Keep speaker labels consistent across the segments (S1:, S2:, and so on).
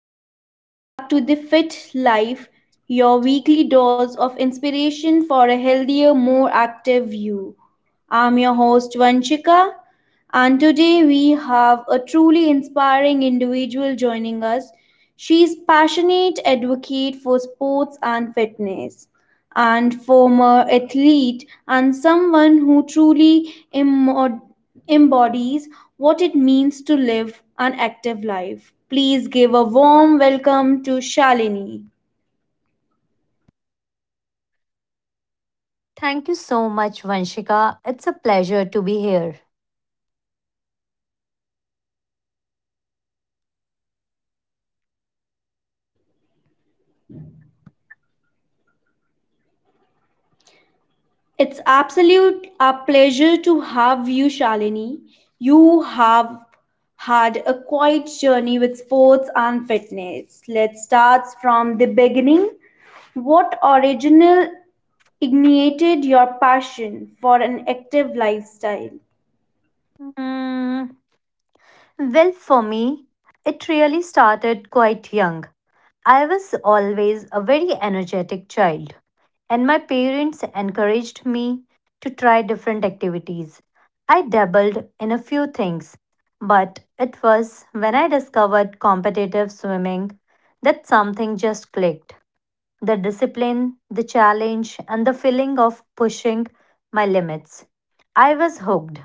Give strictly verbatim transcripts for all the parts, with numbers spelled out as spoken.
S1: Welcome back to The Fit Life, your weekly dose of inspiration for a healthier, more active you. I'm your host Vanchika, and today we have a truly inspiring individual joining us. She is passionate advocate for sports and fitness and former athlete and someone who truly embod- embodies what it means to live an active life. Please give a warm welcome to Shalini.
S2: Thank you so much, Vanshika. It's a pleasure to be here.
S1: It's absolute a pleasure to have you, Shalini. You have had a quiet journey with sports and fitness. Let's start from the beginning. What original ignited your passion for an active lifestyle?
S2: Mm, well, for me, it really started quite young. I was always a very energetic child, and my parents encouraged me to try different activities. I dabbled in a few things, but it was when I discovered competitive swimming that something just clicked. The discipline, the challenge, and the feeling of pushing my limits. I was hooked.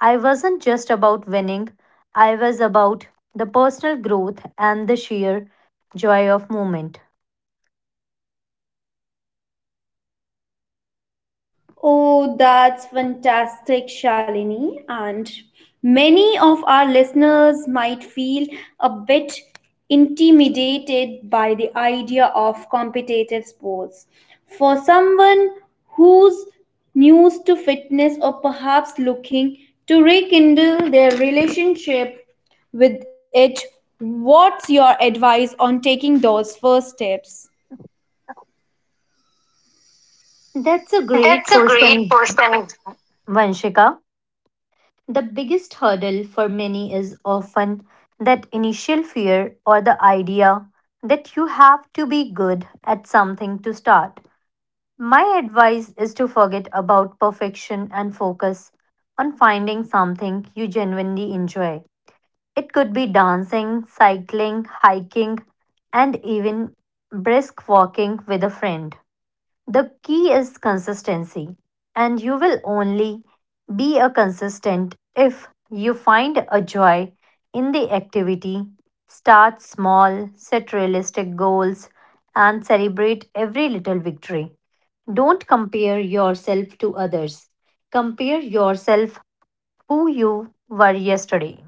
S2: I wasn't just about winning, I was about the personal growth and the sheer joy of movement.
S1: Oh, that's fantastic, Shalini. And many of our listeners might feel a bit intimidated by the idea of competitive sports. For someone who's new to fitness or perhaps looking to rekindle their relationship with it, what's your advice on taking those first steps?
S2: That's a great
S1: That's a great
S2: question,
S1: person.
S2: Vanshika. The biggest hurdle for many is often that initial fear or the idea that you have to be good at something to start. My advice is to forget about perfection and focus on finding something you genuinely enjoy. It could be dancing, cycling, hiking, and even brisk walking with a friend. The key is consistency, and you will only be a consistent if you find a joy in the activity. Start small, set realistic goals, and celebrate every little victory. Don't compare yourself to others. Compare yourself who you were yesterday.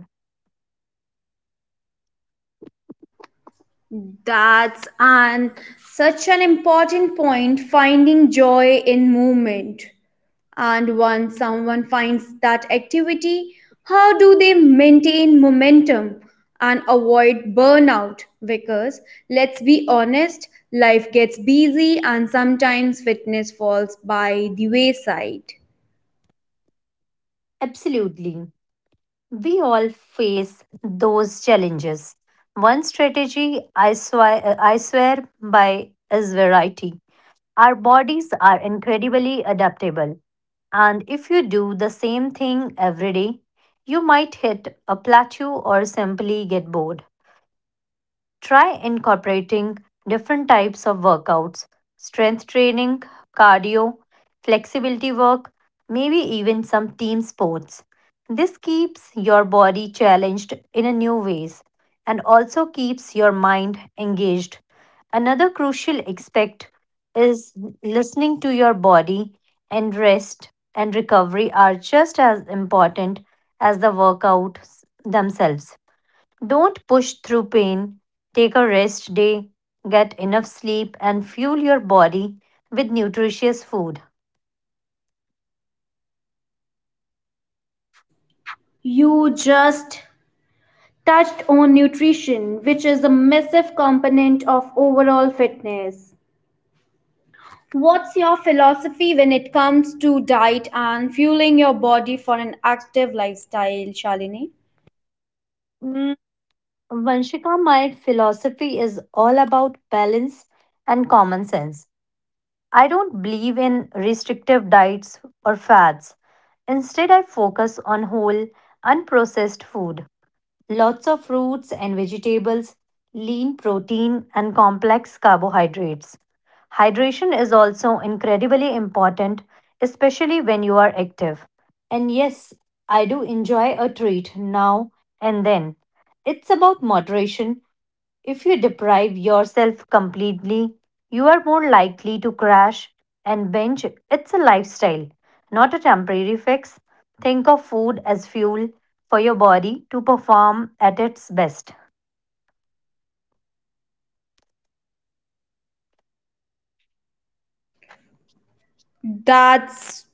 S1: That's an such an important point finding joy in movement. And once someone finds that activity, how do they maintain momentum and avoid burnout? Because let's be honest, life gets busy and sometimes fitness falls by the wayside.
S2: Absolutely. We all face those challenges. One strategy I swear, I swear by is variety. Our bodies are incredibly adaptable, and if you do the same thing every day, you might hit a plateau or simply get bored. Try incorporating different types of workouts, strength training, cardio, flexibility work, maybe even some team sports. This keeps your body challenged in a new ways and also keeps your mind engaged. Another crucial aspect is listening to your body, and rest and recovery are just as important as the workouts themselves. Don't push through pain. Take a rest day, get enough sleep, and fuel your body with nutritious food.
S1: You just touched on nutrition, which is a massive component of overall fitness. What's your philosophy when it comes to diet and fueling your body for an active lifestyle, Shalini?
S2: Mm, Vanshika, my philosophy is all about balance and common sense. I don't believe in restrictive diets or fads. Instead, I focus on whole, unprocessed food. Lots of fruits and vegetables, lean protein, and complex carbohydrates. Hydration is also incredibly important, especially when you are active. And yes, I do enjoy a treat now and then. It's about moderation. If you deprive yourself completely, you are more likely to crash and binge. It's a lifestyle, not a temporary fix. Think of food as fuel for your body to perform at its best.
S1: That's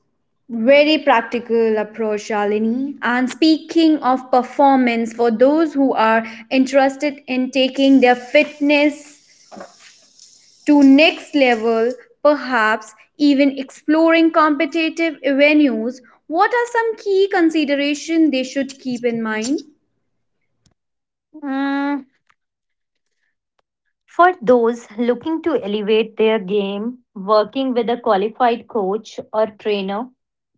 S1: very practical approach, Shalini. And speaking of performance, for those who are interested in taking their fitness to next level, perhaps even exploring competitive venues, what are some key considerations they should keep in mind?
S2: Mm, For those looking to elevate their game, working with a qualified coach or trainer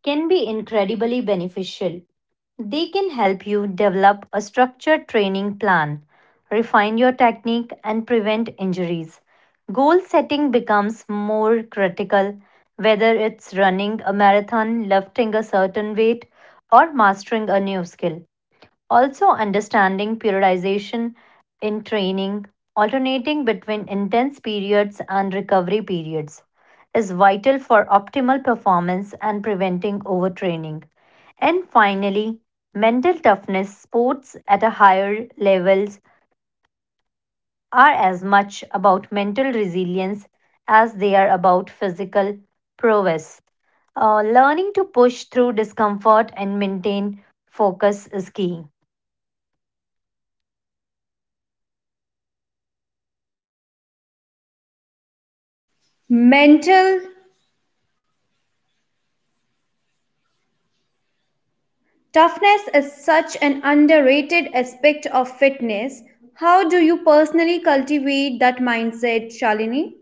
S2: can be incredibly beneficial. They can help you develop a structured training plan, refine your technique, and prevent injuries. Goal setting becomes more critical, whether it's running a marathon, lifting a certain weight, or mastering a new skill. Also, understanding periodization in training, alternating between intense periods and recovery periods, is vital for optimal performance and preventing overtraining. And finally, mental toughness sports at a higher levels are as much about mental resilience as they are about physical prowess. Uh, learning to push through discomfort and maintain focus is key.
S1: Mental toughness is such an underrated aspect of fitness. How do you personally cultivate that mindset, Shalini?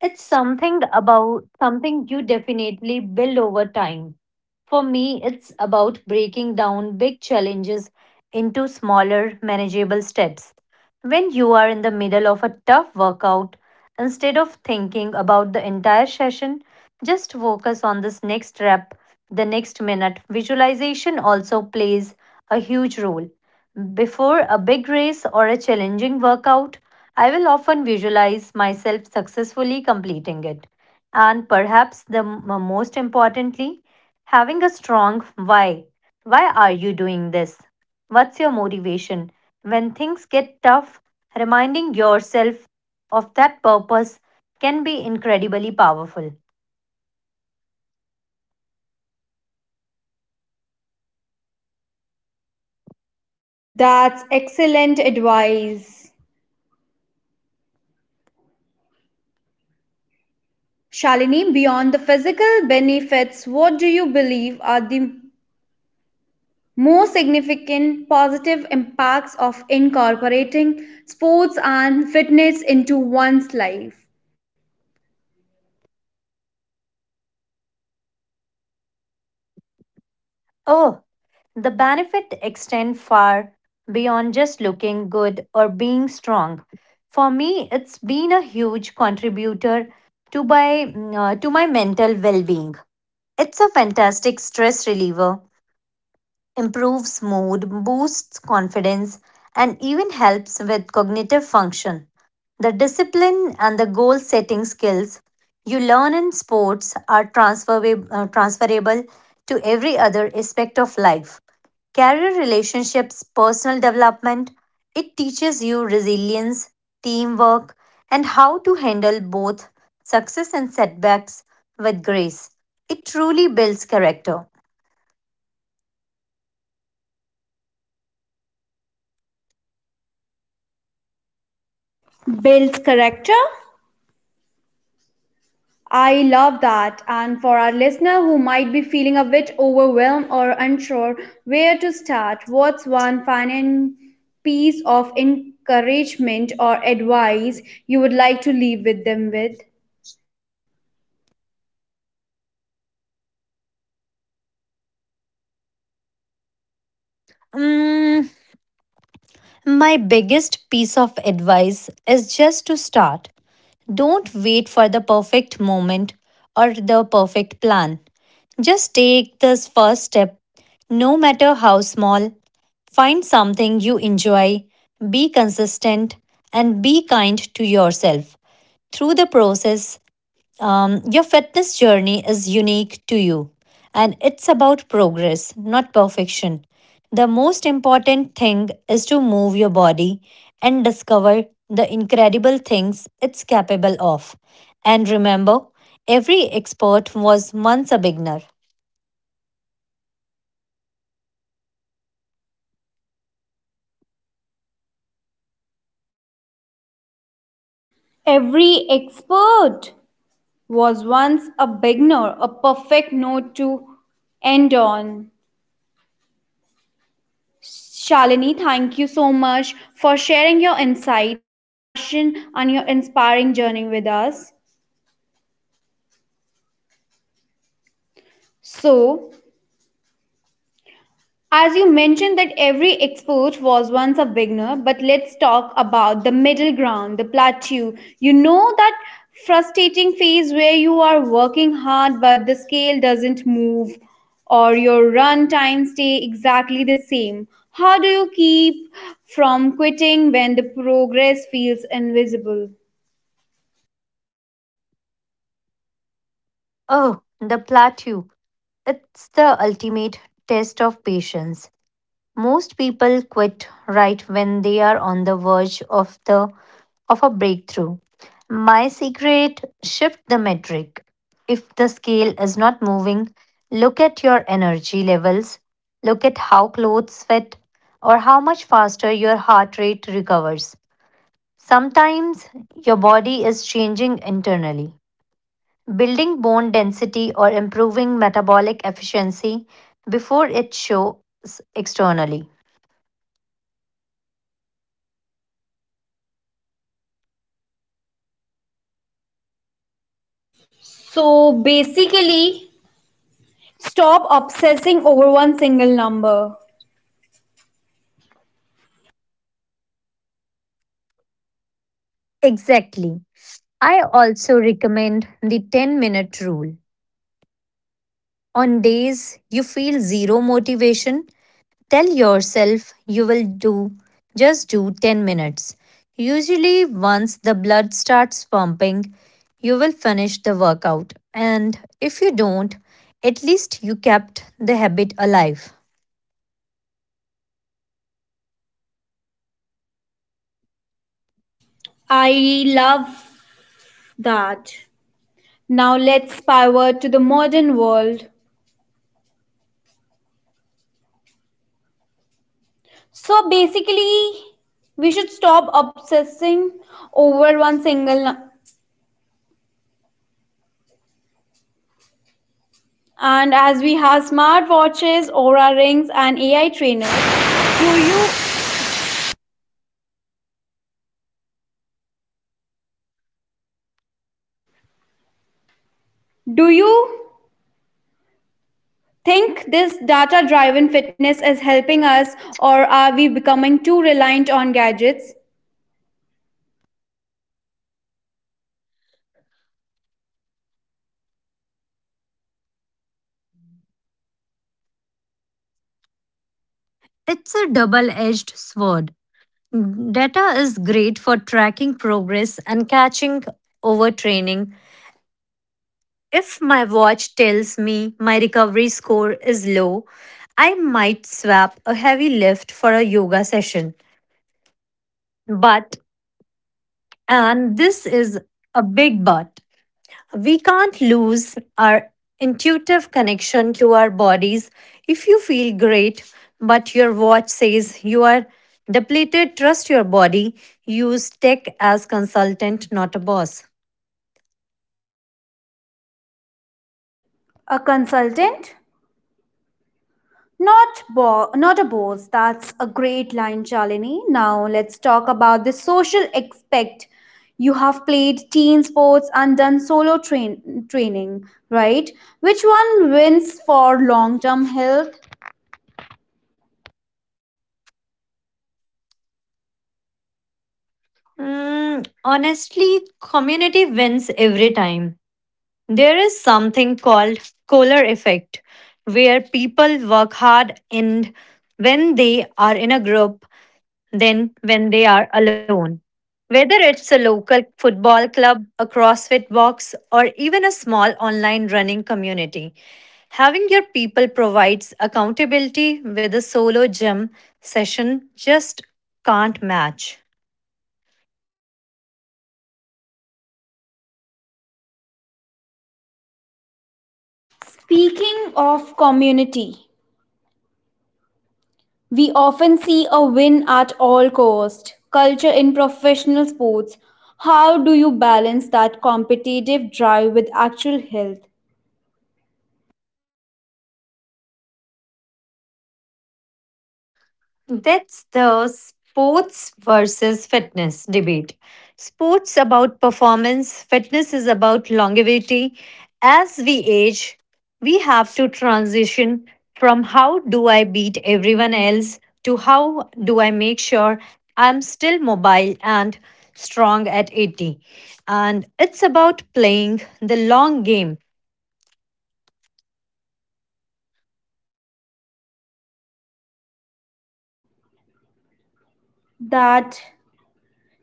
S2: It's something about something you definitely build over time. For me, it's about breaking down big challenges into smaller, manageable steps. When you are in the middle of a tough workout, instead of thinking about the entire session, just focus on this next rep, the next minute. Visualization also plays a huge role. Before a big race or a challenging workout, I will often visualize myself successfully completing it. And perhaps the m- most importantly, having a strong why. Why are you doing this? What's your motivation? When things get tough, reminding yourself of that purpose can be incredibly powerful.
S1: That's excellent advice. Shalini, beyond the physical benefits, what do you believe are the most significant positive impacts of incorporating sports and fitness into one's life?
S2: Oh, the benefit extend far beyond just looking good or being strong. For me, it's been a huge contributor to my, mm, uh, to my mental well being. It's a fantastic stress reliever, improves mood, boosts confidence, and even helps with cognitive function. The discipline and the goal setting skills you learn in sports are transferable, transferable to every other aspect of life. Career, relationships, personal development, it teaches you resilience, teamwork, and how to handle both success and setbacks with grace. It truly builds character.
S1: Builds character, I love that. And for our listener who might be feeling a bit overwhelmed or unsure where to start, what's one final piece of encouragement or advice you would like to leave with them with?
S2: Mm, my biggest piece of advice is just to start. Don't wait for the perfect moment or the perfect plan. Just take this first step, no matter how small. Find something you enjoy, be consistent, and be kind to yourself. Through the process, um, your fitness journey is unique to you, and it's about progress, not perfection. The most important thing is to move your body and discover the incredible things it's capable of. And remember, every expert was once a beginner.
S1: Every expert was once a beginner, a perfect note to end on. Shalini, thank you so much for sharing your insights, your passion, and your inspiring journey with us. So, as you mentioned that every expert was once a beginner, but let's talk about the middle ground, the plateau. You know that frustrating phase where you are working hard but the scale doesn't move or your run time stay exactly the same. How do you keep from quitting when the progress feels invisible?
S2: Oh, the plateau. It's the ultimate test of patience. Most people quit right when they are on the verge of the of a breakthrough. My secret, shift the metric. If the scale is not moving, look at your energy levels, look at how clothes fit, or how much faster your heart rate recovers. Sometimes your body is changing internally. Building bone density or improving metabolic efficiency before it shows externally.
S1: So basically, stop obsessing over one single number.
S2: Exactly. I also recommend the ten minute rule. On days you feel zero motivation, tell yourself you will do just do ten minutes. Usually, once the blood starts pumping, you will finish the workout. And if you don't, at least you kept the habit alive.
S1: I love that. Now let's pivot to the modern world. So basically, we should stop obsessing over one single, and as we have smartwatches, aura rings and A I trainers. Do you think this data driven fitness is helping us or are we becoming too reliant on gadgets?
S2: It's a double edged sword. Data is great for tracking progress and catching overtraining. If my watch tells me my recovery score is low, I might swap a heavy lift for a yoga session. But, and this is a big but, we can't lose our intuitive connection to our bodies. If you feel great, but your watch says you are depleted, trust your body. Use tech as consultant, not a boss.
S1: A consultant. Not bo- not a boss. That's a great line, Shalini. Now let's talk about the social aspect. You have played team sports and done solo train- training, right? Which one wins for long-term health?
S2: Mm, honestly, community wins every time. There is something called Kohler effect, where people work hard and when they are in a group than when they are alone. Whether it's a local football club, a CrossFit box, or even a small online running community, having your people provides accountability with a solo gym session just can't match.
S1: Speaking of community, we often see a win at all cost. Culture in professional sports. How do you balance that competitive drive with actual health?
S2: That's the sports versus fitness debate. Sports about performance, fitness is about longevity. As we age, we have to transition from how do I beat everyone else to how do I make sure I'm still mobile and strong at eighty. And it's about playing the long game.
S1: That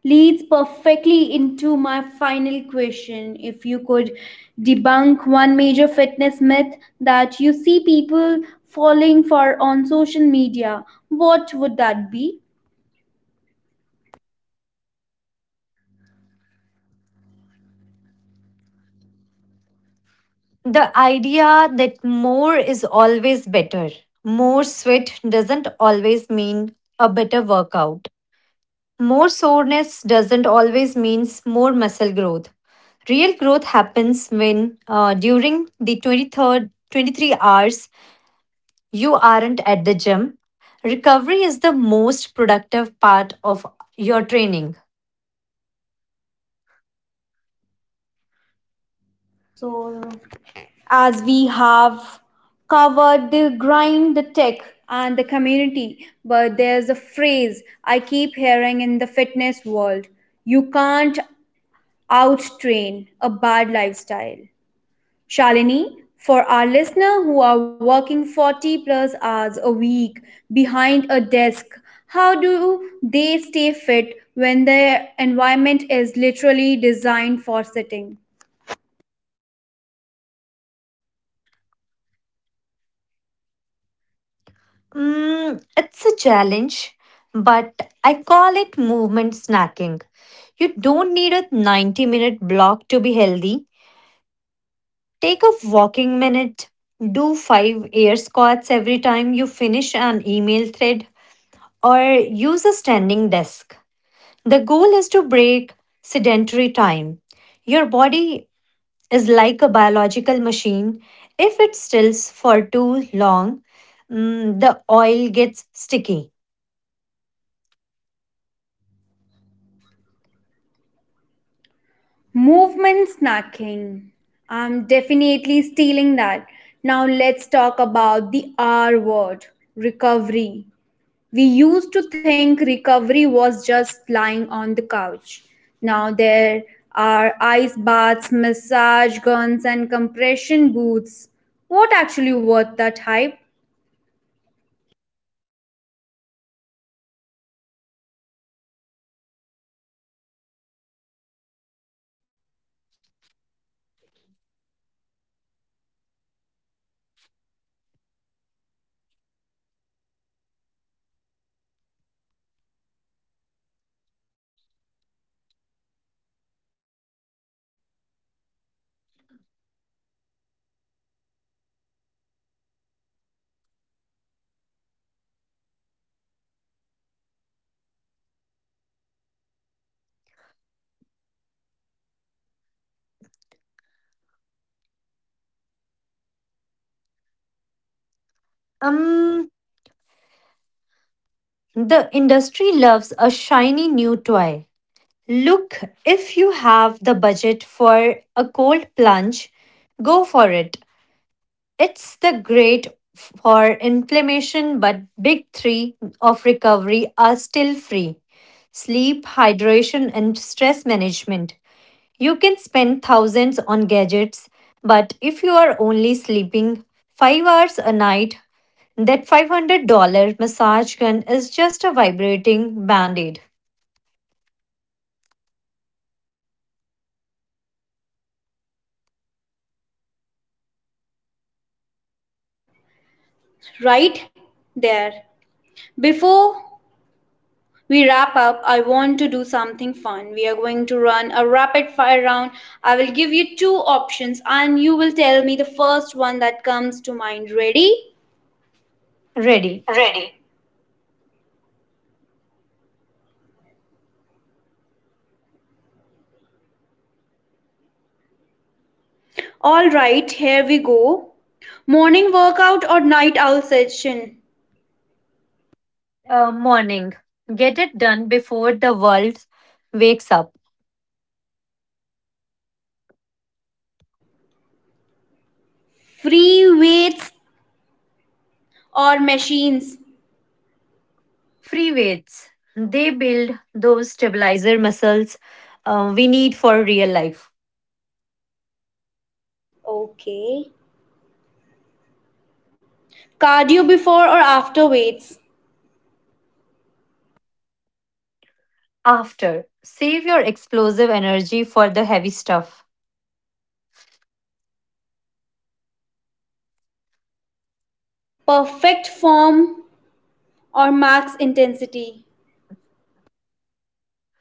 S1: leads perfectly into my final question. If you could debunk one major fitness myth that you see people falling for on social media, what would that be?
S2: The idea that more is always better. More sweat doesn't always mean a better workout. More soreness doesn't always means more muscle growth. Real growth happens when uh, during the 23rd twenty-three hours you aren't at the gym. Recovery is the most productive part of your training.
S1: So, as we have covered the grind, the tech, and the community, but there's a phrase I keep hearing in the fitness world: you can't out train a bad lifestyle. Shalini, for our listener who are working forty plus hours a week behind a desk, how do they stay fit when their environment is literally designed for sitting?
S2: Mm, it's a challenge, but I call it movement snacking. You don't need a ninety minute block to be healthy. Take a walking minute, do five air squats every time you finish an email thread, or use a standing desk. The goal is to break sedentary time. Your body is like a biological machine. If it stills for too long, mm, the oil gets sticky.
S1: Movement snacking. I'm definitely stealing that. Now let's talk about the R word: recovery. We used to think recovery was just lying on the couch. Now there are ice baths, massage guns, and compression boots. What actually worth that hype?
S2: Um, The industry loves a shiny new toy. Look, if you have the budget for a cold plunge, go for it. It's the great for inflammation, but big three of recovery are still free, sleep, hydration, and stress management. You can spend thousands on gadgets, but if you are only sleeping five hours a night, that five hundred dollar massage gun is just a vibrating band aid.
S1: That's a reality check right there. Before we wrap up, I want to do something fun. We are going to run a rapid fire round. I will give you two options and you will tell me the first one that comes to mind. Ready?
S2: Ready.
S1: Ready. All right, here we go. Morning workout or night owl session?
S2: Uh, morning. Get it done before the world wakes up.
S1: Free weights or machines?
S2: Free weights. They build those stabilizer muscles uh, we need for real life.
S1: Okay. Cardio before or after weights?
S2: After. Save your explosive energy for the heavy stuff.
S1: Perfect form or max intensity?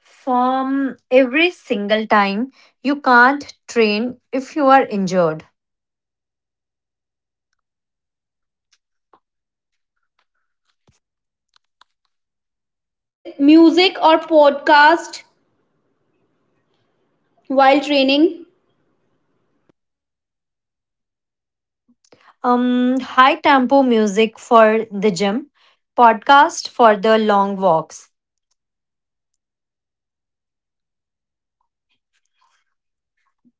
S2: Form every single time, you can't train if you are injured.
S1: Music or podcast while training?
S2: Um high tempo music for the gym, podcast for the long walks.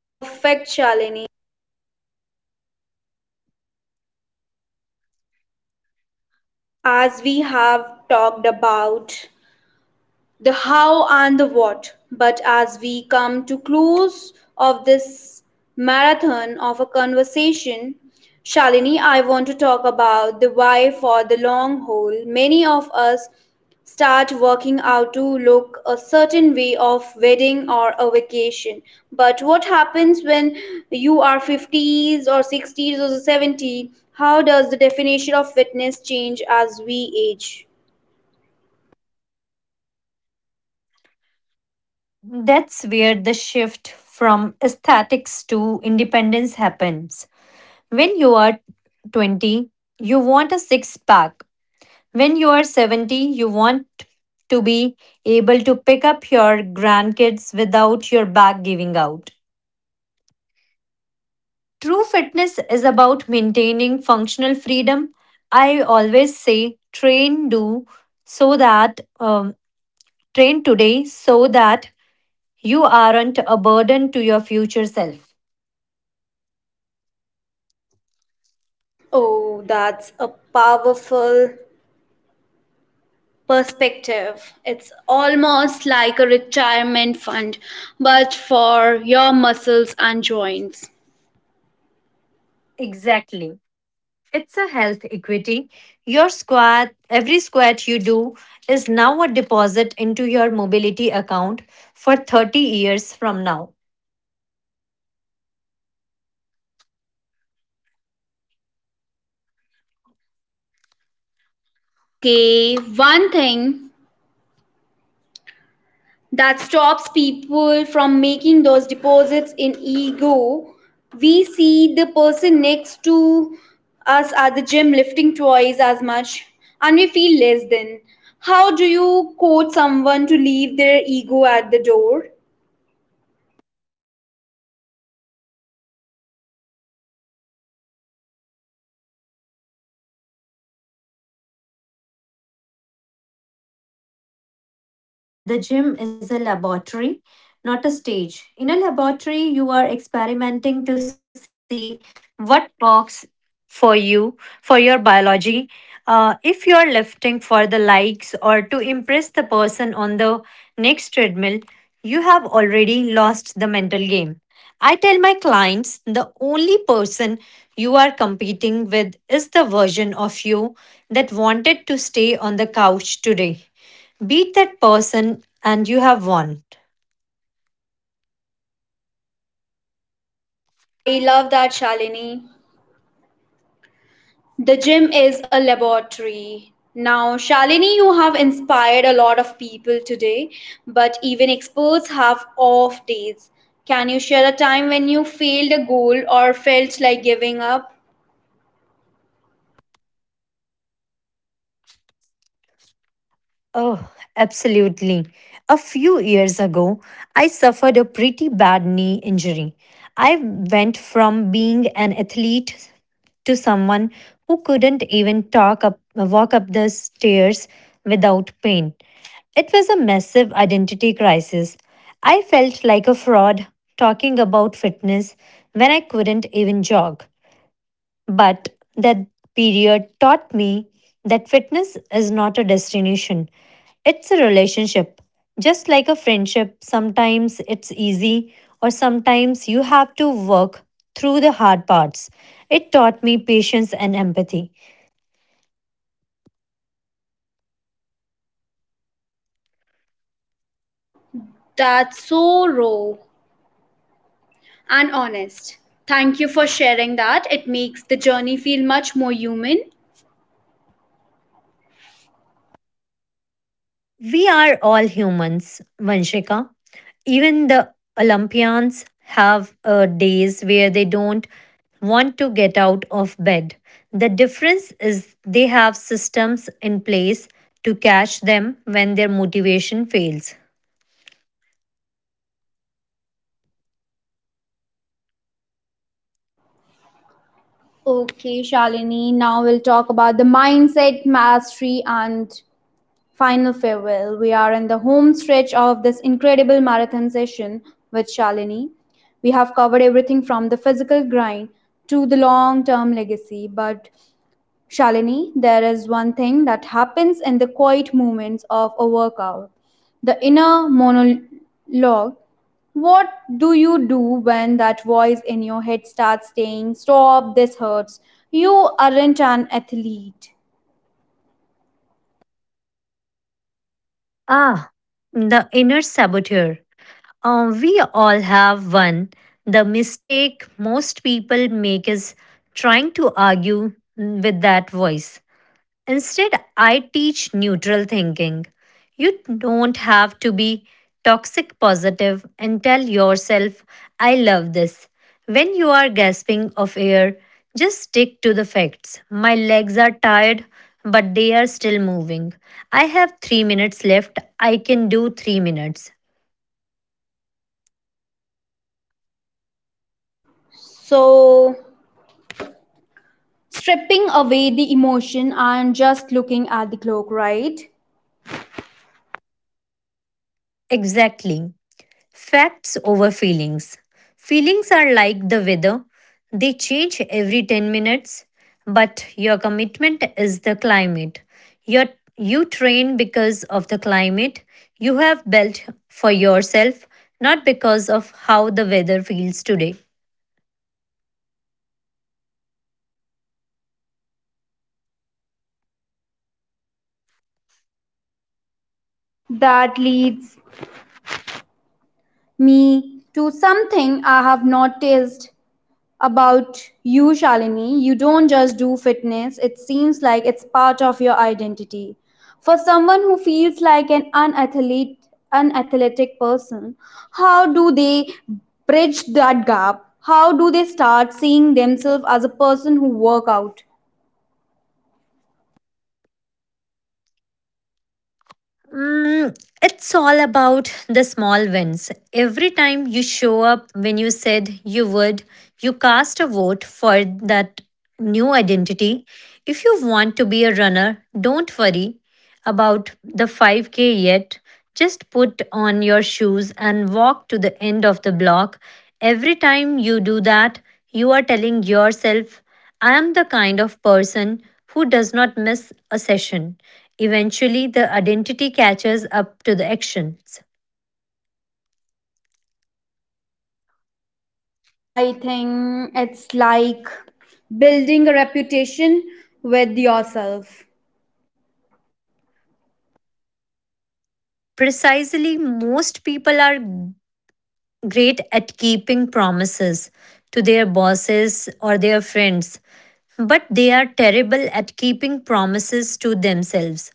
S1: Perfect, Shalini. As we have talked about, the how and the what. But as we come to close of this marathon of a conversation, Shalini, I want to talk about the why for the long haul. Many of us start working out to look a certain way of wedding or a vacation, but what happens when you are fifties or sixties or seventy? How does the definition of fitness change as we age?
S2: That's where the shift from aesthetics to independence happens. When you are twenty, you want a six pack. When you are seventy, you want to be able to pick up your grandkids without your back giving out. True fitness is about maintaining functional freedom. I always say train do so that um, train today so that you aren't a burden to your future self.
S1: Oh, that's a powerful perspective. It's almost like a retirement fund, but for your muscles and joints.
S2: Exactly. It's a health equity. Your squat, every squat you do is now a deposit into your mobility account for thirty years from now.
S1: Okay, one thing that stops people from making those deposits in ego, we see the person next to us at the gym lifting twice as much and we feel less than. How do you coach someone to leave their ego at the door?
S2: Um, You have to realize that the gym is a laboratory, not a stage. In a laboratory, you are experimenting to see what works for you, for your biology. Uh, if you are lifting for the likes or to impress the person on the next treadmill, you have already lost the mental game. I tell my clients the only person you are competing with is the version of you that wanted to stay on the couch today. Beat that person and you have won.
S1: I love that, Shalini. The gym is a laboratory. Now, Shalini, you have inspired a lot of people today, but even experts have off days. Can you share a time when you failed a goal or felt like giving up?
S2: Oh, absolutely. A few years ago, I suffered a pretty bad knee injury. I went from being an athlete to someone who couldn't even talk up, walk up the stairs without pain. It was a massive identity crisis. I felt like a fraud talking about fitness when I couldn't even jog. But that period taught me that fitness is not a destination, it's a relationship. Just like a friendship, sometimes it's easy, or sometimes you have to work through the hard parts. It taught me patience and empathy.
S1: That's so raw and honest. Thank you for sharing that. It makes the journey feel much more human.
S2: We are all humans, Vanshika. Even the Olympians have uh, days where they don't want to get out of bed. The difference is they have systems in place to catch them when their motivation fails.
S1: Okay, Shalini, now we'll talk about the mindset mastery and final farewell. We are in the home stretch of this incredible marathon session with Shalini. We have covered everything from the physical grind to the long term legacy. But, Shalini, there is one thing that happens in the quiet moments of a workout: the inner monologue. What do you do when that voice in your head starts saying, "Stop, this hurts? You aren't an athlete"?
S2: Ah, the inner saboteur. Uh, we all have one. The mistake most people make is trying to argue with that voice. Instead, I teach neutral thinking. You don't have to be toxic positive and tell yourself, I love this. When you are gasping of air, just stick to the facts. My legs are tired, but they are still moving. I have three minutes left. I can do three minutes.
S1: So, stripping away the emotion and just looking at the clock, right?
S2: Exactly. Facts over feelings. Feelings are like the weather, they change every ten minutes, but your commitment is the climate. Your, you train because of the climate you have built for yourself, not because of how the weather feels today.
S1: That leads me to something I have noticed about you, Shalini. You don't just do fitness, it seems like it's part of your identity. For someone who feels like an unathlete, unathletic person, how do they bridge that gap? How do they start seeing themselves as a person who work out?
S2: Mm, it's all about the small wins. Every time you show up when you said you would, you cast a vote for that new identity. If you want to be a runner, don't worry about the five k yet. Just put on your shoes and walk to the end of the block. Every time you do that, you are telling yourself, I am the kind of person who does not miss a session. Eventually, the identity catches up to the actions.
S1: I think it's like building a reputation with yourself.
S2: Precisely, most people are great at keeping promises to their bosses or their friends, but they are terrible at keeping promises to themselves.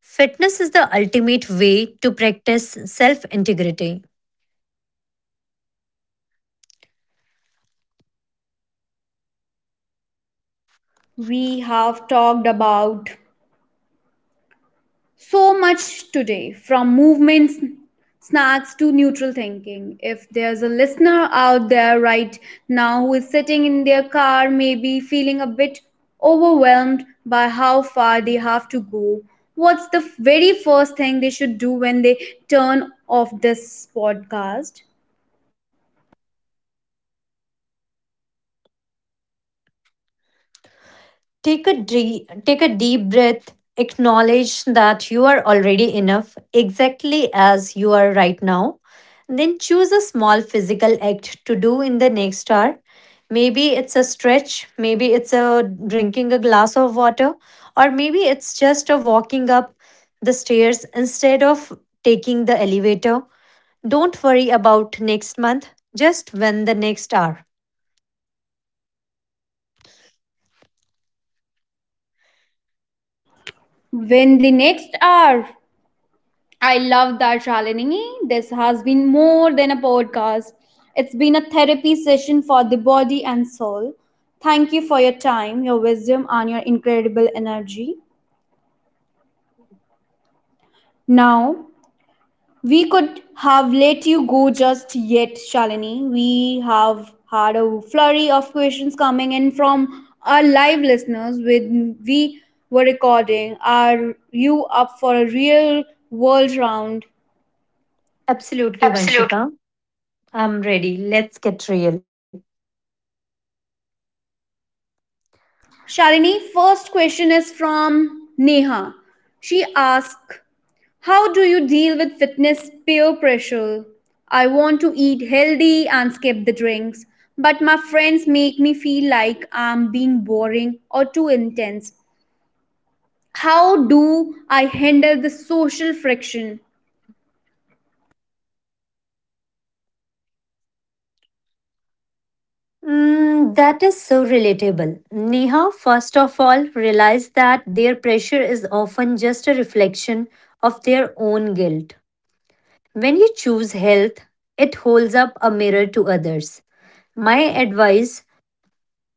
S2: Fitness is the ultimate way to practice self integrity.
S1: We have talked about so much today from movements, snacks to neutral thinking. If there's a listener out there right now who is sitting in their car, maybe feeling a bit overwhelmed by how far they have to go, what's the very first thing they should do when they turn off this podcast?
S2: Take a, dre- take a deep breath, acknowledge that you are already enough exactly as you are right now. Then choose a small physical act to do in the next hour. Maybe it's a stretch, maybe it's a drinking a glass of water, or maybe it's just a walking up the stairs instead of taking the elevator. Don't worry about next month, just when the next hour.
S1: When the next hour, I love that Shalini. This has been more than a podcast. It's been a therapy session for the body and soul. Thank you for your time, your wisdom, and your incredible energy. Now, we could have let you go just yet, Shalini. We have had a flurry of questions coming in from our live listeners when we were recording. Are you up for a real world round?
S2: Absolutely,
S1: Absolutely.
S2: Vanshika. I'm ready. Let's get real.
S1: Shalini, first question is from Neha. She asks, how do you deal with fitness peer pressure? I want to eat healthy and skip the drinks, but my friends make me feel like I'm being boring or too intense. How do I handle the social friction?
S2: Mm, that is so relatable. Neha, first of all, realize that their pressure is often just a reflection of their own guilt. When you choose health, it holds up a mirror to others. My advice,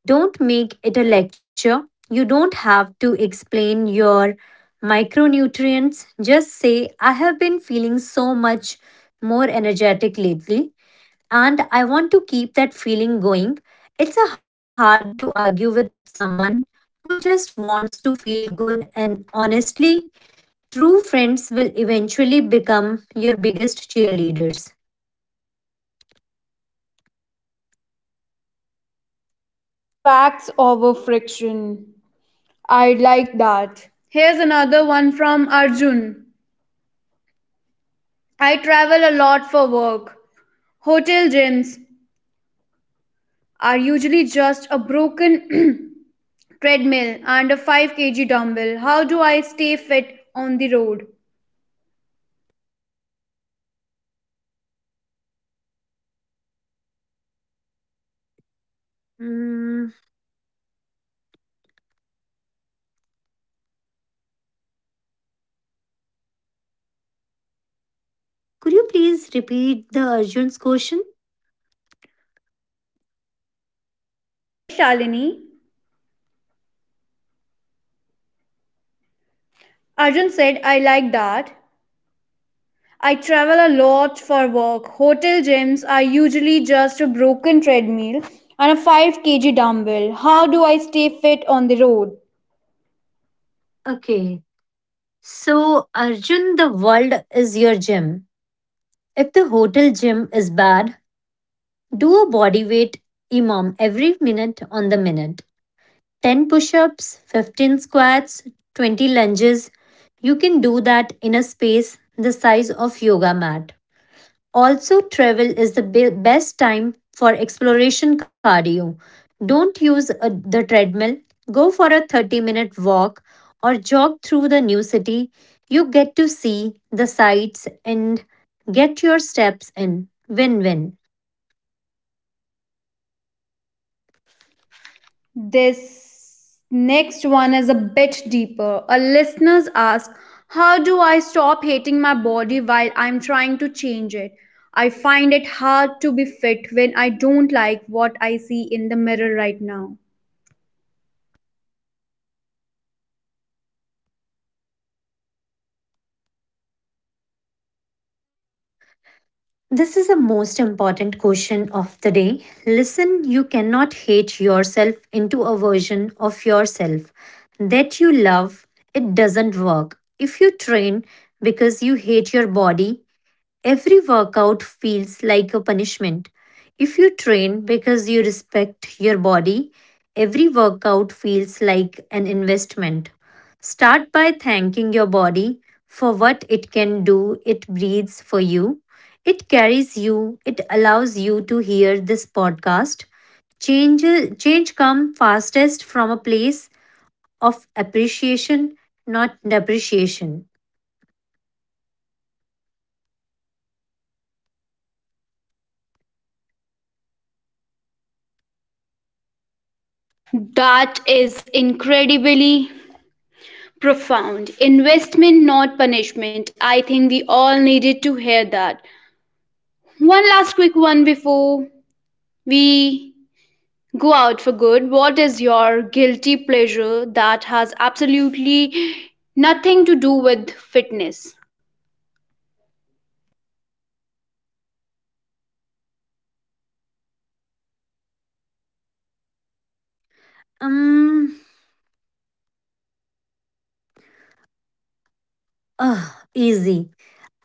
S2: don't make it a lecture. You don't have to explain your micronutrients. Just say, I have been feeling so much more energetic lately and I want to keep that feeling going. It's a hard to argue with someone who just wants to feel good and honestly, true friends will eventually become your biggest cheerleaders.
S1: Facts over friction. I like that. Here's another one from Arjun. I travel a lot for work. Hotel gyms, are usually just a broken treadmill and a five kilogram dumbbell. How do I stay fit on the road?
S2: Mm, could you please repeat the Arjun's question?
S1: Yes, Shalini. Arjun said, I like that. I travel a lot for work. Hotel gyms are usually just a broken treadmill and a five kilogram dumbbell. How do I stay fit on the road?
S2: Okay. So, Arjun, the world is your gym. If the hotel gym is bad, do a body weight imam every minute on the minute. ten push ups, fifteen squats, twenty lunges. You can do that in a space the size of yoga mat. Also, travel is the be- best time for exploration cardio. Don't use a- the treadmill. Go for a thirty minute walk or jog through the new city. You get to see the sights and get your steps in. Win win.
S1: This next one is a bit deeper. A listener asks, how do I stop hating my body while I'm trying to change it? I find it hard to be fit when I don't like what I see in the mirror right now.
S2: This is the most important question of the day. Listen, you cannot hate yourself into a version of yourself that you love. It doesn't work. If you train because you hate your body, every workout feels like a punishment. If you train because you respect your body, every workout feels like an investment. Start by thanking your body for what it can do. It breathes for you, it carries you, it allows you to hear this podcast. Change, Change come fastest from a place of appreciation, not depreciation.
S1: That is incredibly profound. Investment, not punishment. I think we all needed to hear that. One last quick one before we go out for good: what is your guilty pleasure that has absolutely nothing to do with fitness?
S2: Um, Ugh, Easy.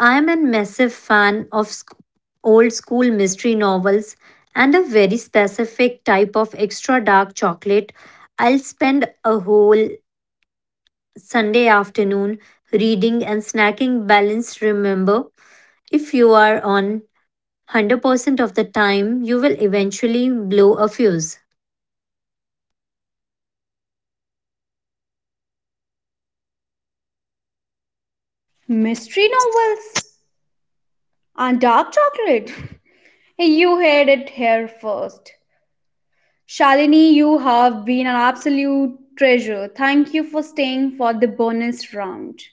S2: I am a massive fan of sc- old school mystery novels and a very specific type of extra dark chocolate. I'll spend a whole Sunday afternoon reading and snacking balanced. Remember, if you are on one hundred percent of the time, you will eventually blow a fuse.
S1: Mystery novels and dark chocolate. You heard it here first. Shalini, you have been an absolute treasure. Thank you for staying for the bonus round.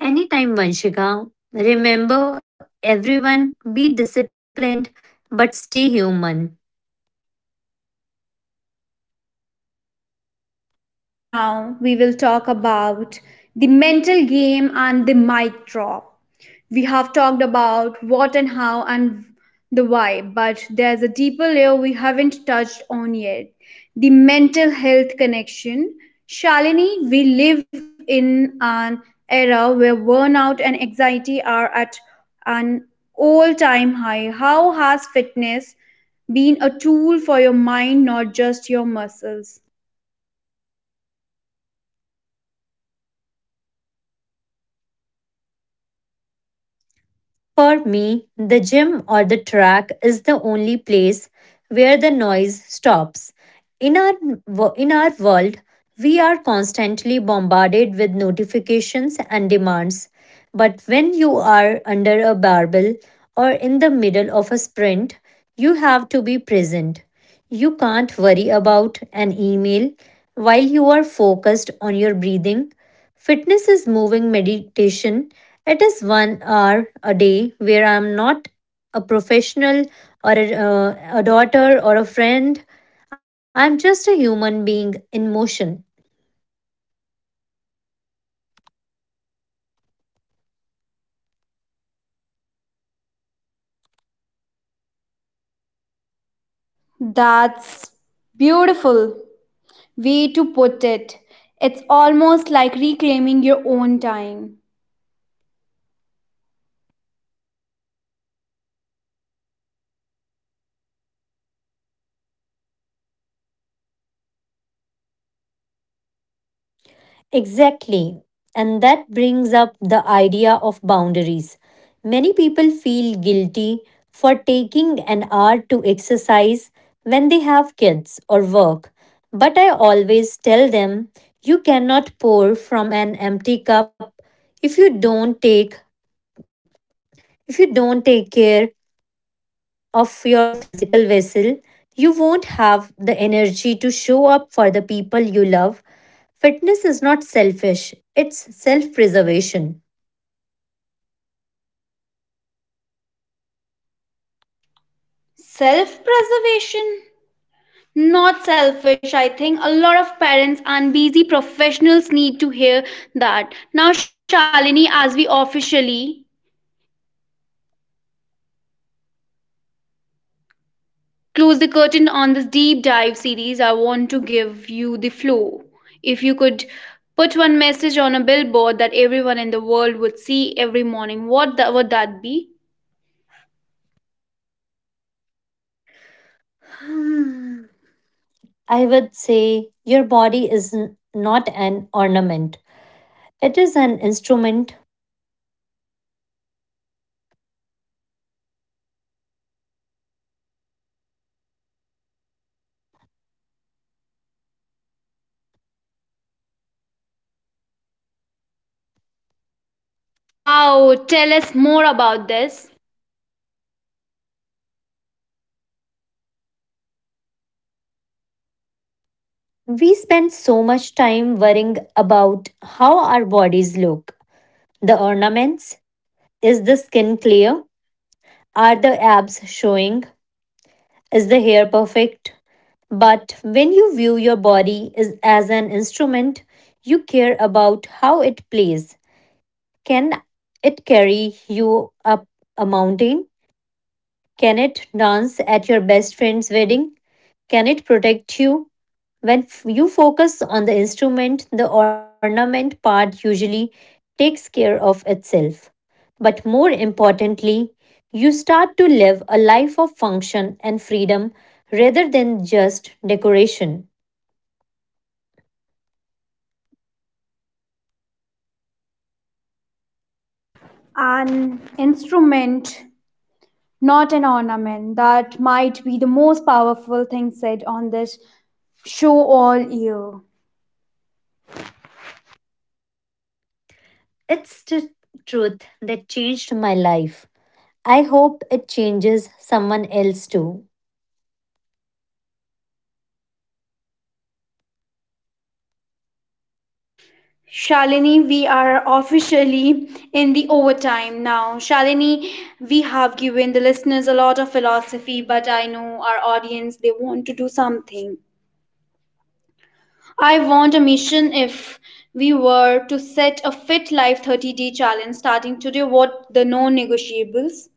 S2: Anytime, Vanshika. Remember, everyone be disciplined but stay human.
S1: Now we will talk about the mental game and the mic drop. We have talked about what and how and the why, but there's a deeper layer we haven't touched on yet: the mental health connection. Shalini, we live in an era where burnout and anxiety are at an all time high. How has fitness been a tool for your mind, not just your muscles?
S2: For me, the gym or the track is the only place where the noise stops. In our, wo- in our world, we are constantly bombarded with notifications and demands. But when you are under a barbell or in the middle of a sprint, you have to be present. You can't worry about an email while you are focused on your breathing. Fitness is moving meditation. It is one hour a day where I am not a professional or a, uh, a daughter or a friend. I am just a human being in motion.
S1: That's beautiful way to put it. It's almost like reclaiming your own time.
S2: Exactly. And that brings up the idea of boundaries. Many people feel guilty for taking an hour to exercise when they have kids or work. But I always tell them you cannot pour from an empty cup if you don't take if you don't take care of your physical vessel, you won't have the energy to show up for the people you love. Fitness is not selfish, it's self preservation.
S1: Self preservation? Not selfish, I think. A lot of parents and busy professionals need to hear that. Now, Shalini, as we officially close the curtain on this deep dive series, I want to give you the floor. If you could put one message on a billboard that everyone in the world would see every morning, what that, would that be?
S2: I would say your body is n- not an ornament, it is an instrument.
S1: Wow, tell us more about this.
S2: We spend so much time worrying about how our bodies look. The ornaments, is the skin clear? Are the abs showing? Is the hair perfect? But when you view your body as an instrument, you care about how it plays. Can it carry you up a mountain? Can it dance at your best friend's wedding? Can it protect you? When f- you focus on the instrument, the ornament part usually takes care of itself. But more importantly, you start to live a life of function and freedom rather than just decoration.
S1: An instrument, not an ornament. That might be the most powerful thing said on this show all year.
S2: It's the truth that changed my life. I hope it changes someone else too.
S1: Shalini, we are officially in the overtime now. Shalini, we have given the listeners a lot of philosophy, but I know our audience they want to do something. I want a mission. If we were to set a Fit Life thirty day challenge starting today, what the non negotiables?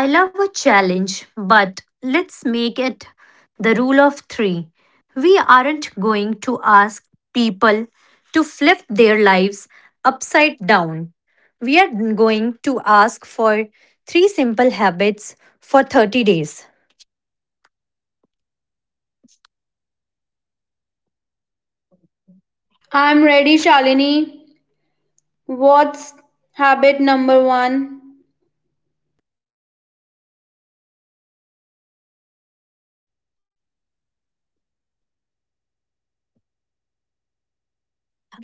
S2: I love a challenge, but let's make it the rule of three. We aren't going to ask people to flip their lives upside down. We are going to ask for three simple habits for thirty days.
S1: I'm ready, Shalini. What's habit number one?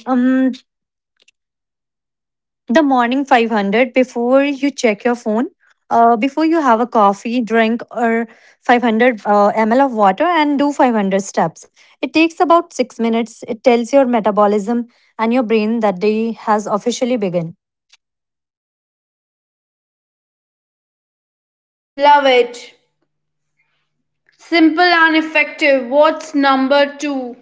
S2: Um, the morning five hundred, before you check phone, uh, before you have a coffee drink, or five hundred uh, ml of water, and do five hundred steps. It takes about six minutes. It tells your metabolism and your brain that day has officially begun.
S1: Love it. Simple and effective. What's number two?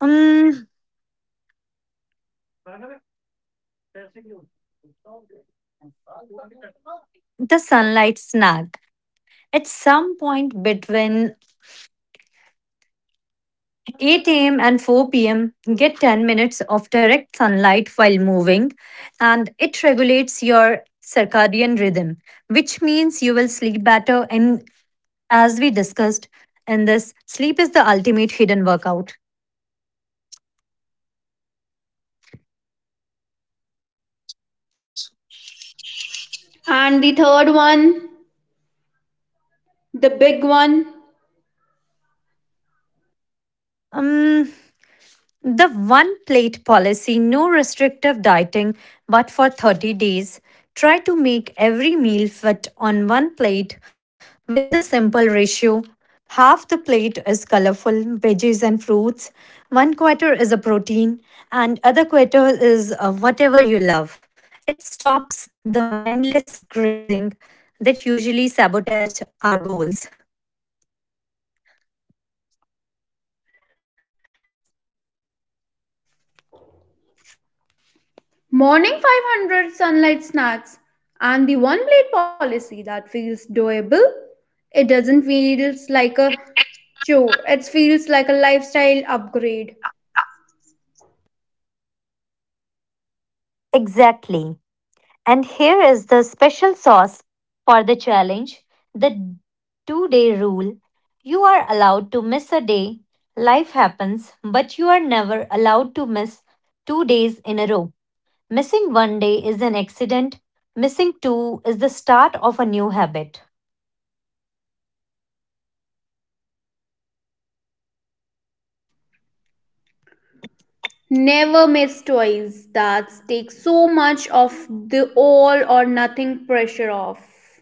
S2: um the sunlight snack, at some point between eight a m and four p m. Get ten minutes of direct sunlight while moving, and it regulates your circadian rhythm, which means you will sleep better. And as we discussed in this, sleep is the ultimate hidden workout.
S1: And the third one? The big one?
S2: Um, The one plate policy, no restrictive dieting, but for thirty days. Try to make every meal fit on one plate with a simple ratio. Half the plate is colorful veggies and fruits, one quarter is a protein, and other quarter is uh, whatever you love. It stops the mindless grazing that usually sabotage our goals.
S1: Morning five hundred, sunlight snacks, and the one blade policy that feels doable. It doesn't feels like a chore. It feels like a lifestyle upgrade.
S2: Exactly. And here is the special sauce for the challenge, the two day rule. You are allowed to miss a day, life happens, but you are never allowed to miss two days in a row. Missing one day is an accident, missing two is the start of a new habit.
S1: Never miss toys that take so much of the all or nothing pressure off.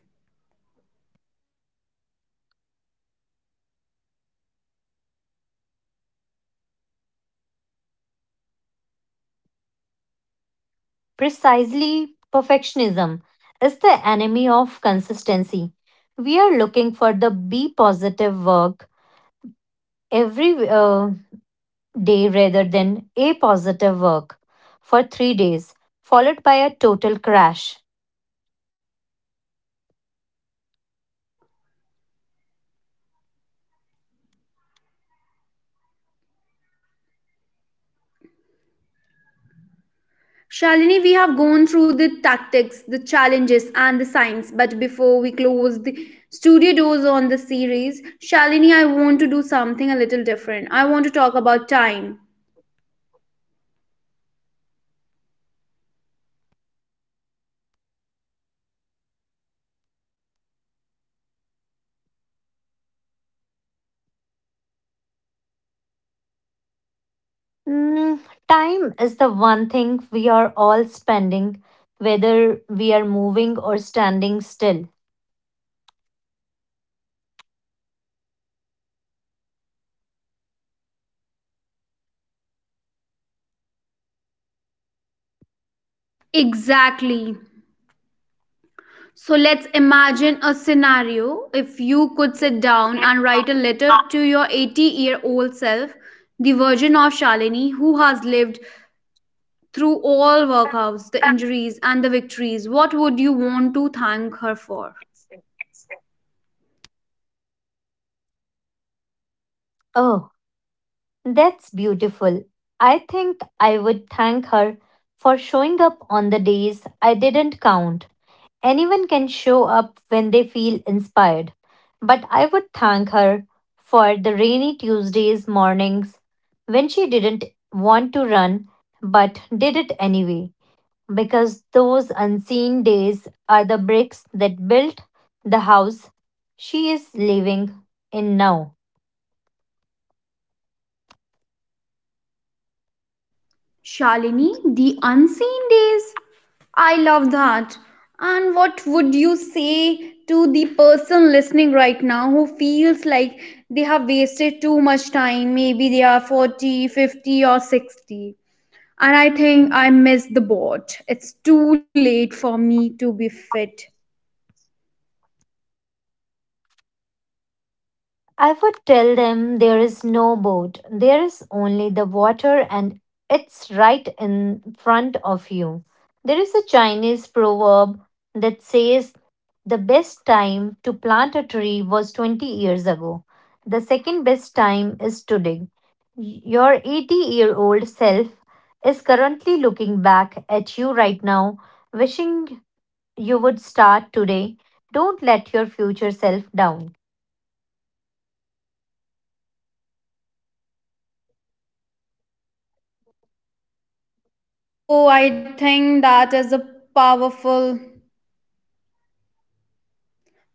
S2: Precisely, perfectionism is the enemy of consistency. We are looking for the be positive work every uh, day rather than a positive work for three days, followed by a total crash.
S1: Shalini, we have gone through the tactics, the challenges, and the science. But before we close the studio doors on the series, Shalini, I want to do something a little different. I want to talk about time.
S2: Mm, time is the one thing we are all spending, whether we are moving or standing still.
S1: Exactly. So let's imagine a scenario. If you could sit down and write a letter to your eighty year old self, the version of Shalini who has lived through all workouts, the injuries, and the victories, what would you want to thank her for?
S2: Oh, that's beautiful. I think I would thank her for showing up on the days I didn't count. Anyone can show up when they feel inspired, but I would thank her for the rainy Tuesdays mornings when she didn't want to run but did it anyway, because those unseen days are the bricks that built the house she is living in now.
S1: Shalini, the unseen days. I love that. And what would you say to the person listening right now who feels like they have wasted too much time? Maybe they are forty, fifty, or sixty. And I think I missed the boat. It's too late for me to be fit.
S2: I would tell them there is no boat, there is only the water, and it's right in front of you. There is a Chinese proverb that says the best time to plant a tree was twenty years ago. The second best time is today. Your eighty year old self is currently looking back at you right now, wishing you would start today. Don't let your future self down.
S1: Oh, I think that is a powerful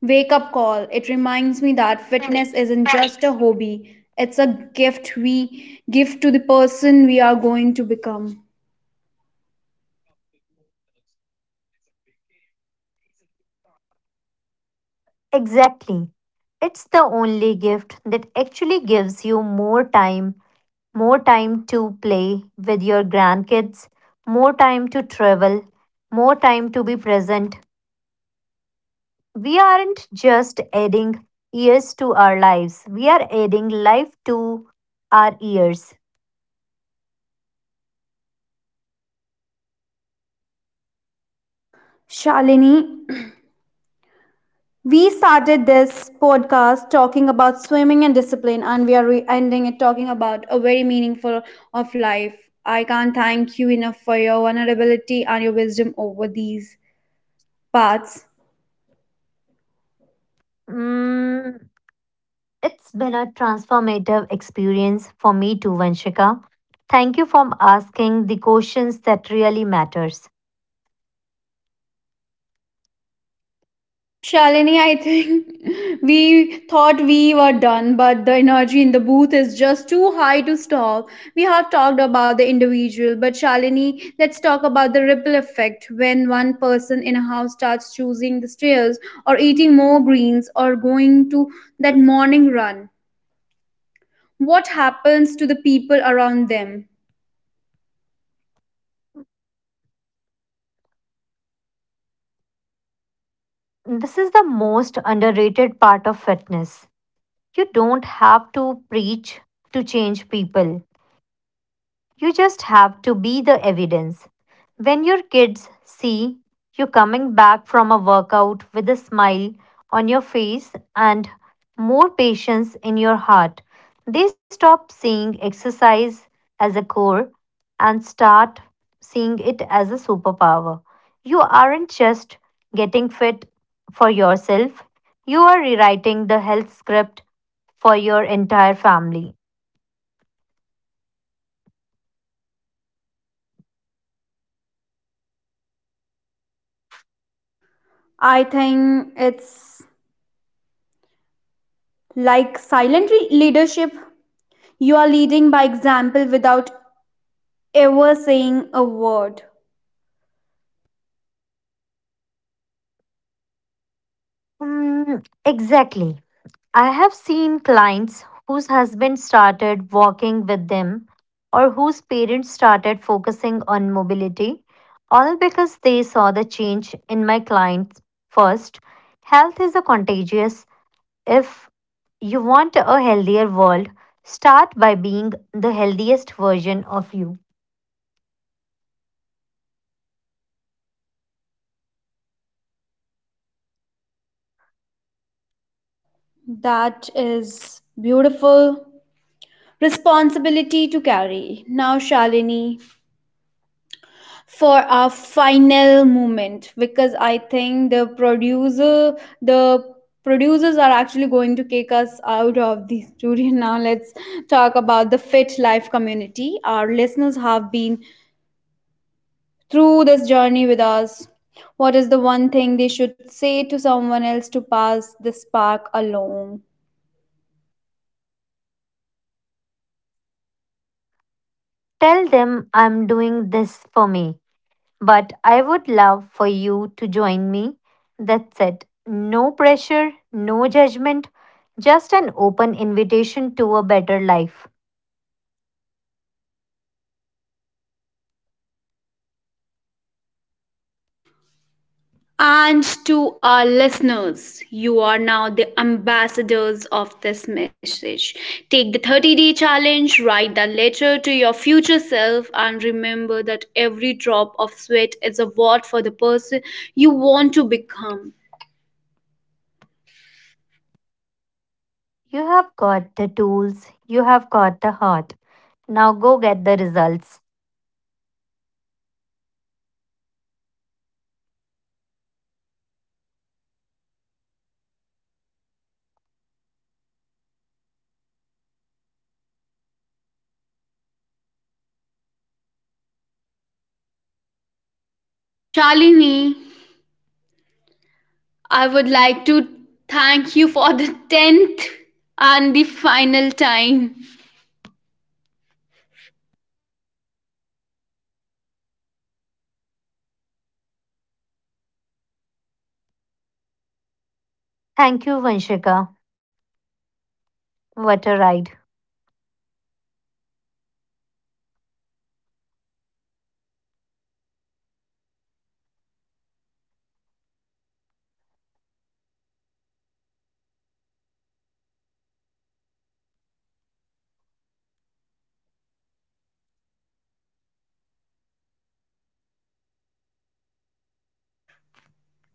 S1: wake up call. It reminds me that fitness isn't just a hobby, it's a gift we give to the person we are going to become.
S2: Exactly. It's the only gift that actually gives you more time, more time to play with your grandkids, more time to travel, more time to be present. We aren't just adding years to our lives, we are adding life to our years.
S1: Shalini, we started this podcast talking about swimming and discipline, and we are re- ending it talking about a very meaningful of life. I can't thank you enough for your vulnerability and your wisdom over these paths.
S2: Mm, it's been a transformative experience for me too, Vanshika. Thank you for asking the questions that really matters.
S1: Shalini, I think we thought we were done, but the energy in the booth is just too high to stop. We have talked about the individual, but Shalini, let's talk about the ripple effect when one person in a house starts choosing the stairs or eating more greens or going to that morning run. What happens to the people around them?
S2: This is the most underrated part of fitness. You don't have to preach to change people. You just have to be the evidence. When your kids see you coming back from a workout with a smile on your face and more patience in your heart, they stop seeing exercise as a core and start seeing it as a superpower. You aren't just getting fit for yourself, you are rewriting the health script for your entire family.
S1: I think it's like silent re- leadership. You are leading by example without ever saying a word.
S2: Mm, exactly. I have seen clients whose husband started walking with them or whose parents started focusing on mobility, all because they saw the change in my clients first. Health is a contagious. If you want a healthier world, start by being the healthiest version of you.
S1: That is beautiful. Responsibility to carry. Now, Shalini, for our final moment, because I think the producer, the producers are actually going to kick us out of the studio. Now let's talk about the fit life community. Our listeners have been through this journey with us. What is the one thing they should say to someone else to pass the spark along?
S2: Tell them I'm doing this for me. But I would love for you to join me. That's it. No pressure, no judgment, just an open invitation to a better life.
S1: And to our listeners, you are now the ambassadors of this message. Take the thirty day challenge, write the letter to your future self, and remember that every drop of sweat is a vote for the person you want to become.
S2: You have got the tools, you have got the heart. Now go get the results.
S1: Shalini, I would like to thank you for the tenth and the final time.
S2: Thank you, Vanshika. What a ride.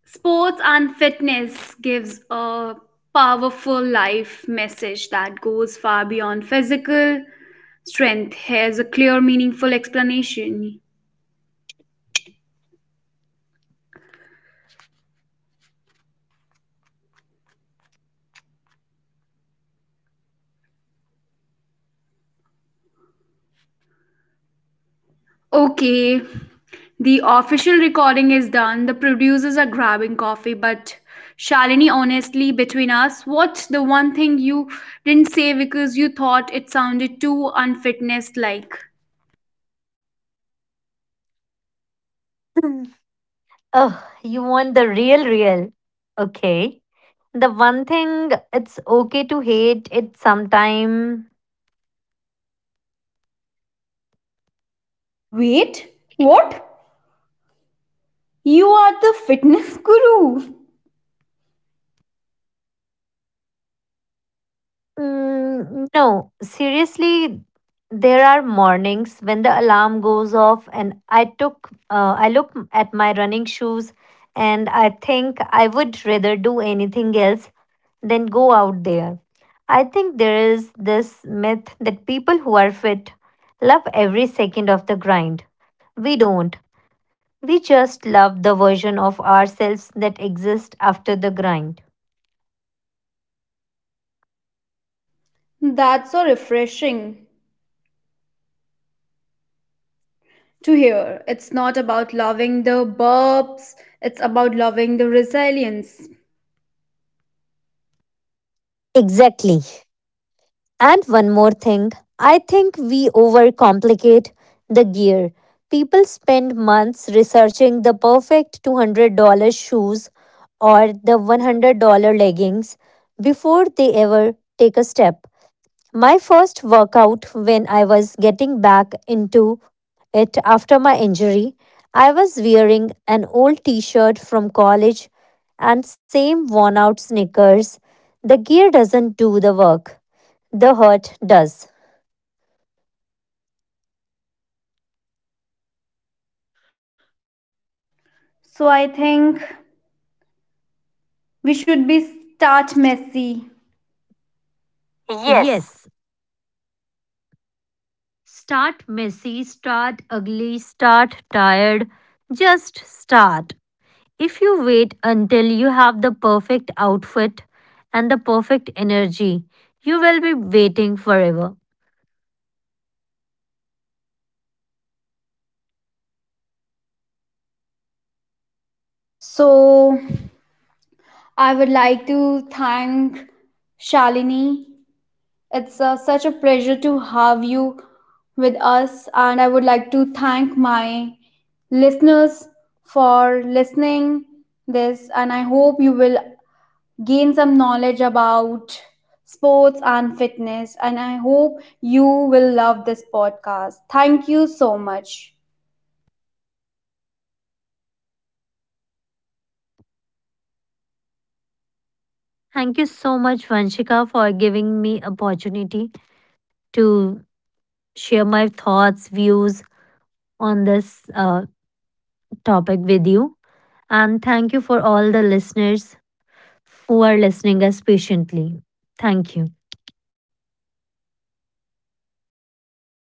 S1: Sports and fitness gives a powerful life message that goes far beyond physical strength. Here's a clear, meaningful explanation. Okay, the official recording is done. The producers are grabbing coffee, but Shalini, honestly, between us, what's the one thing you didn't say because you thought it sounded too unfitness like?
S2: Oh, you want the real, real. Okay. The one thing, it's okay to hate it sometime.
S1: Wait, what? You are the fitness guru.
S2: Mm, no, seriously, there are mornings when the alarm goes off and I took uh, I look at my running shoes and I think I would rather do anything else than go out there. I think there is this myth that people who are fit love every second of the grind. We don't. We just love the version of ourselves that exists after the grind.
S1: That's so refreshing to hear. It's not about loving the burps, it's about loving the resilience.
S2: Exactly. And one more thing, I think we overcomplicate the gear. People spend months researching the perfect two hundred dollars shoes or the one hundred dollars leggings before they ever take a step. First workout when I was getting back into it after my injury, I was wearing an old t shirt from college and same worn out sneakers. The gear doesn't do the work, the hurt does.
S1: So I think we should be start messy.
S2: Yes,
S1: Yes.
S2: start messy, start ugly, start tired. Just start. If you wait until you have the perfect outfit and the perfect energy, you will be waiting forever.
S1: So I would like to thank Shalini. It's uh, such a pleasure to have you with us, and I would like to thank my listeners for listening this, and I hope you will gain some knowledge about sports and fitness, and I hope you will love this podcast. Thank you so much.
S2: Thank you so much Vanshika for giving me opportunity to share my thoughts, views on this uh, topic with you and thank you for all the listeners who are listening us patiently. Thank you.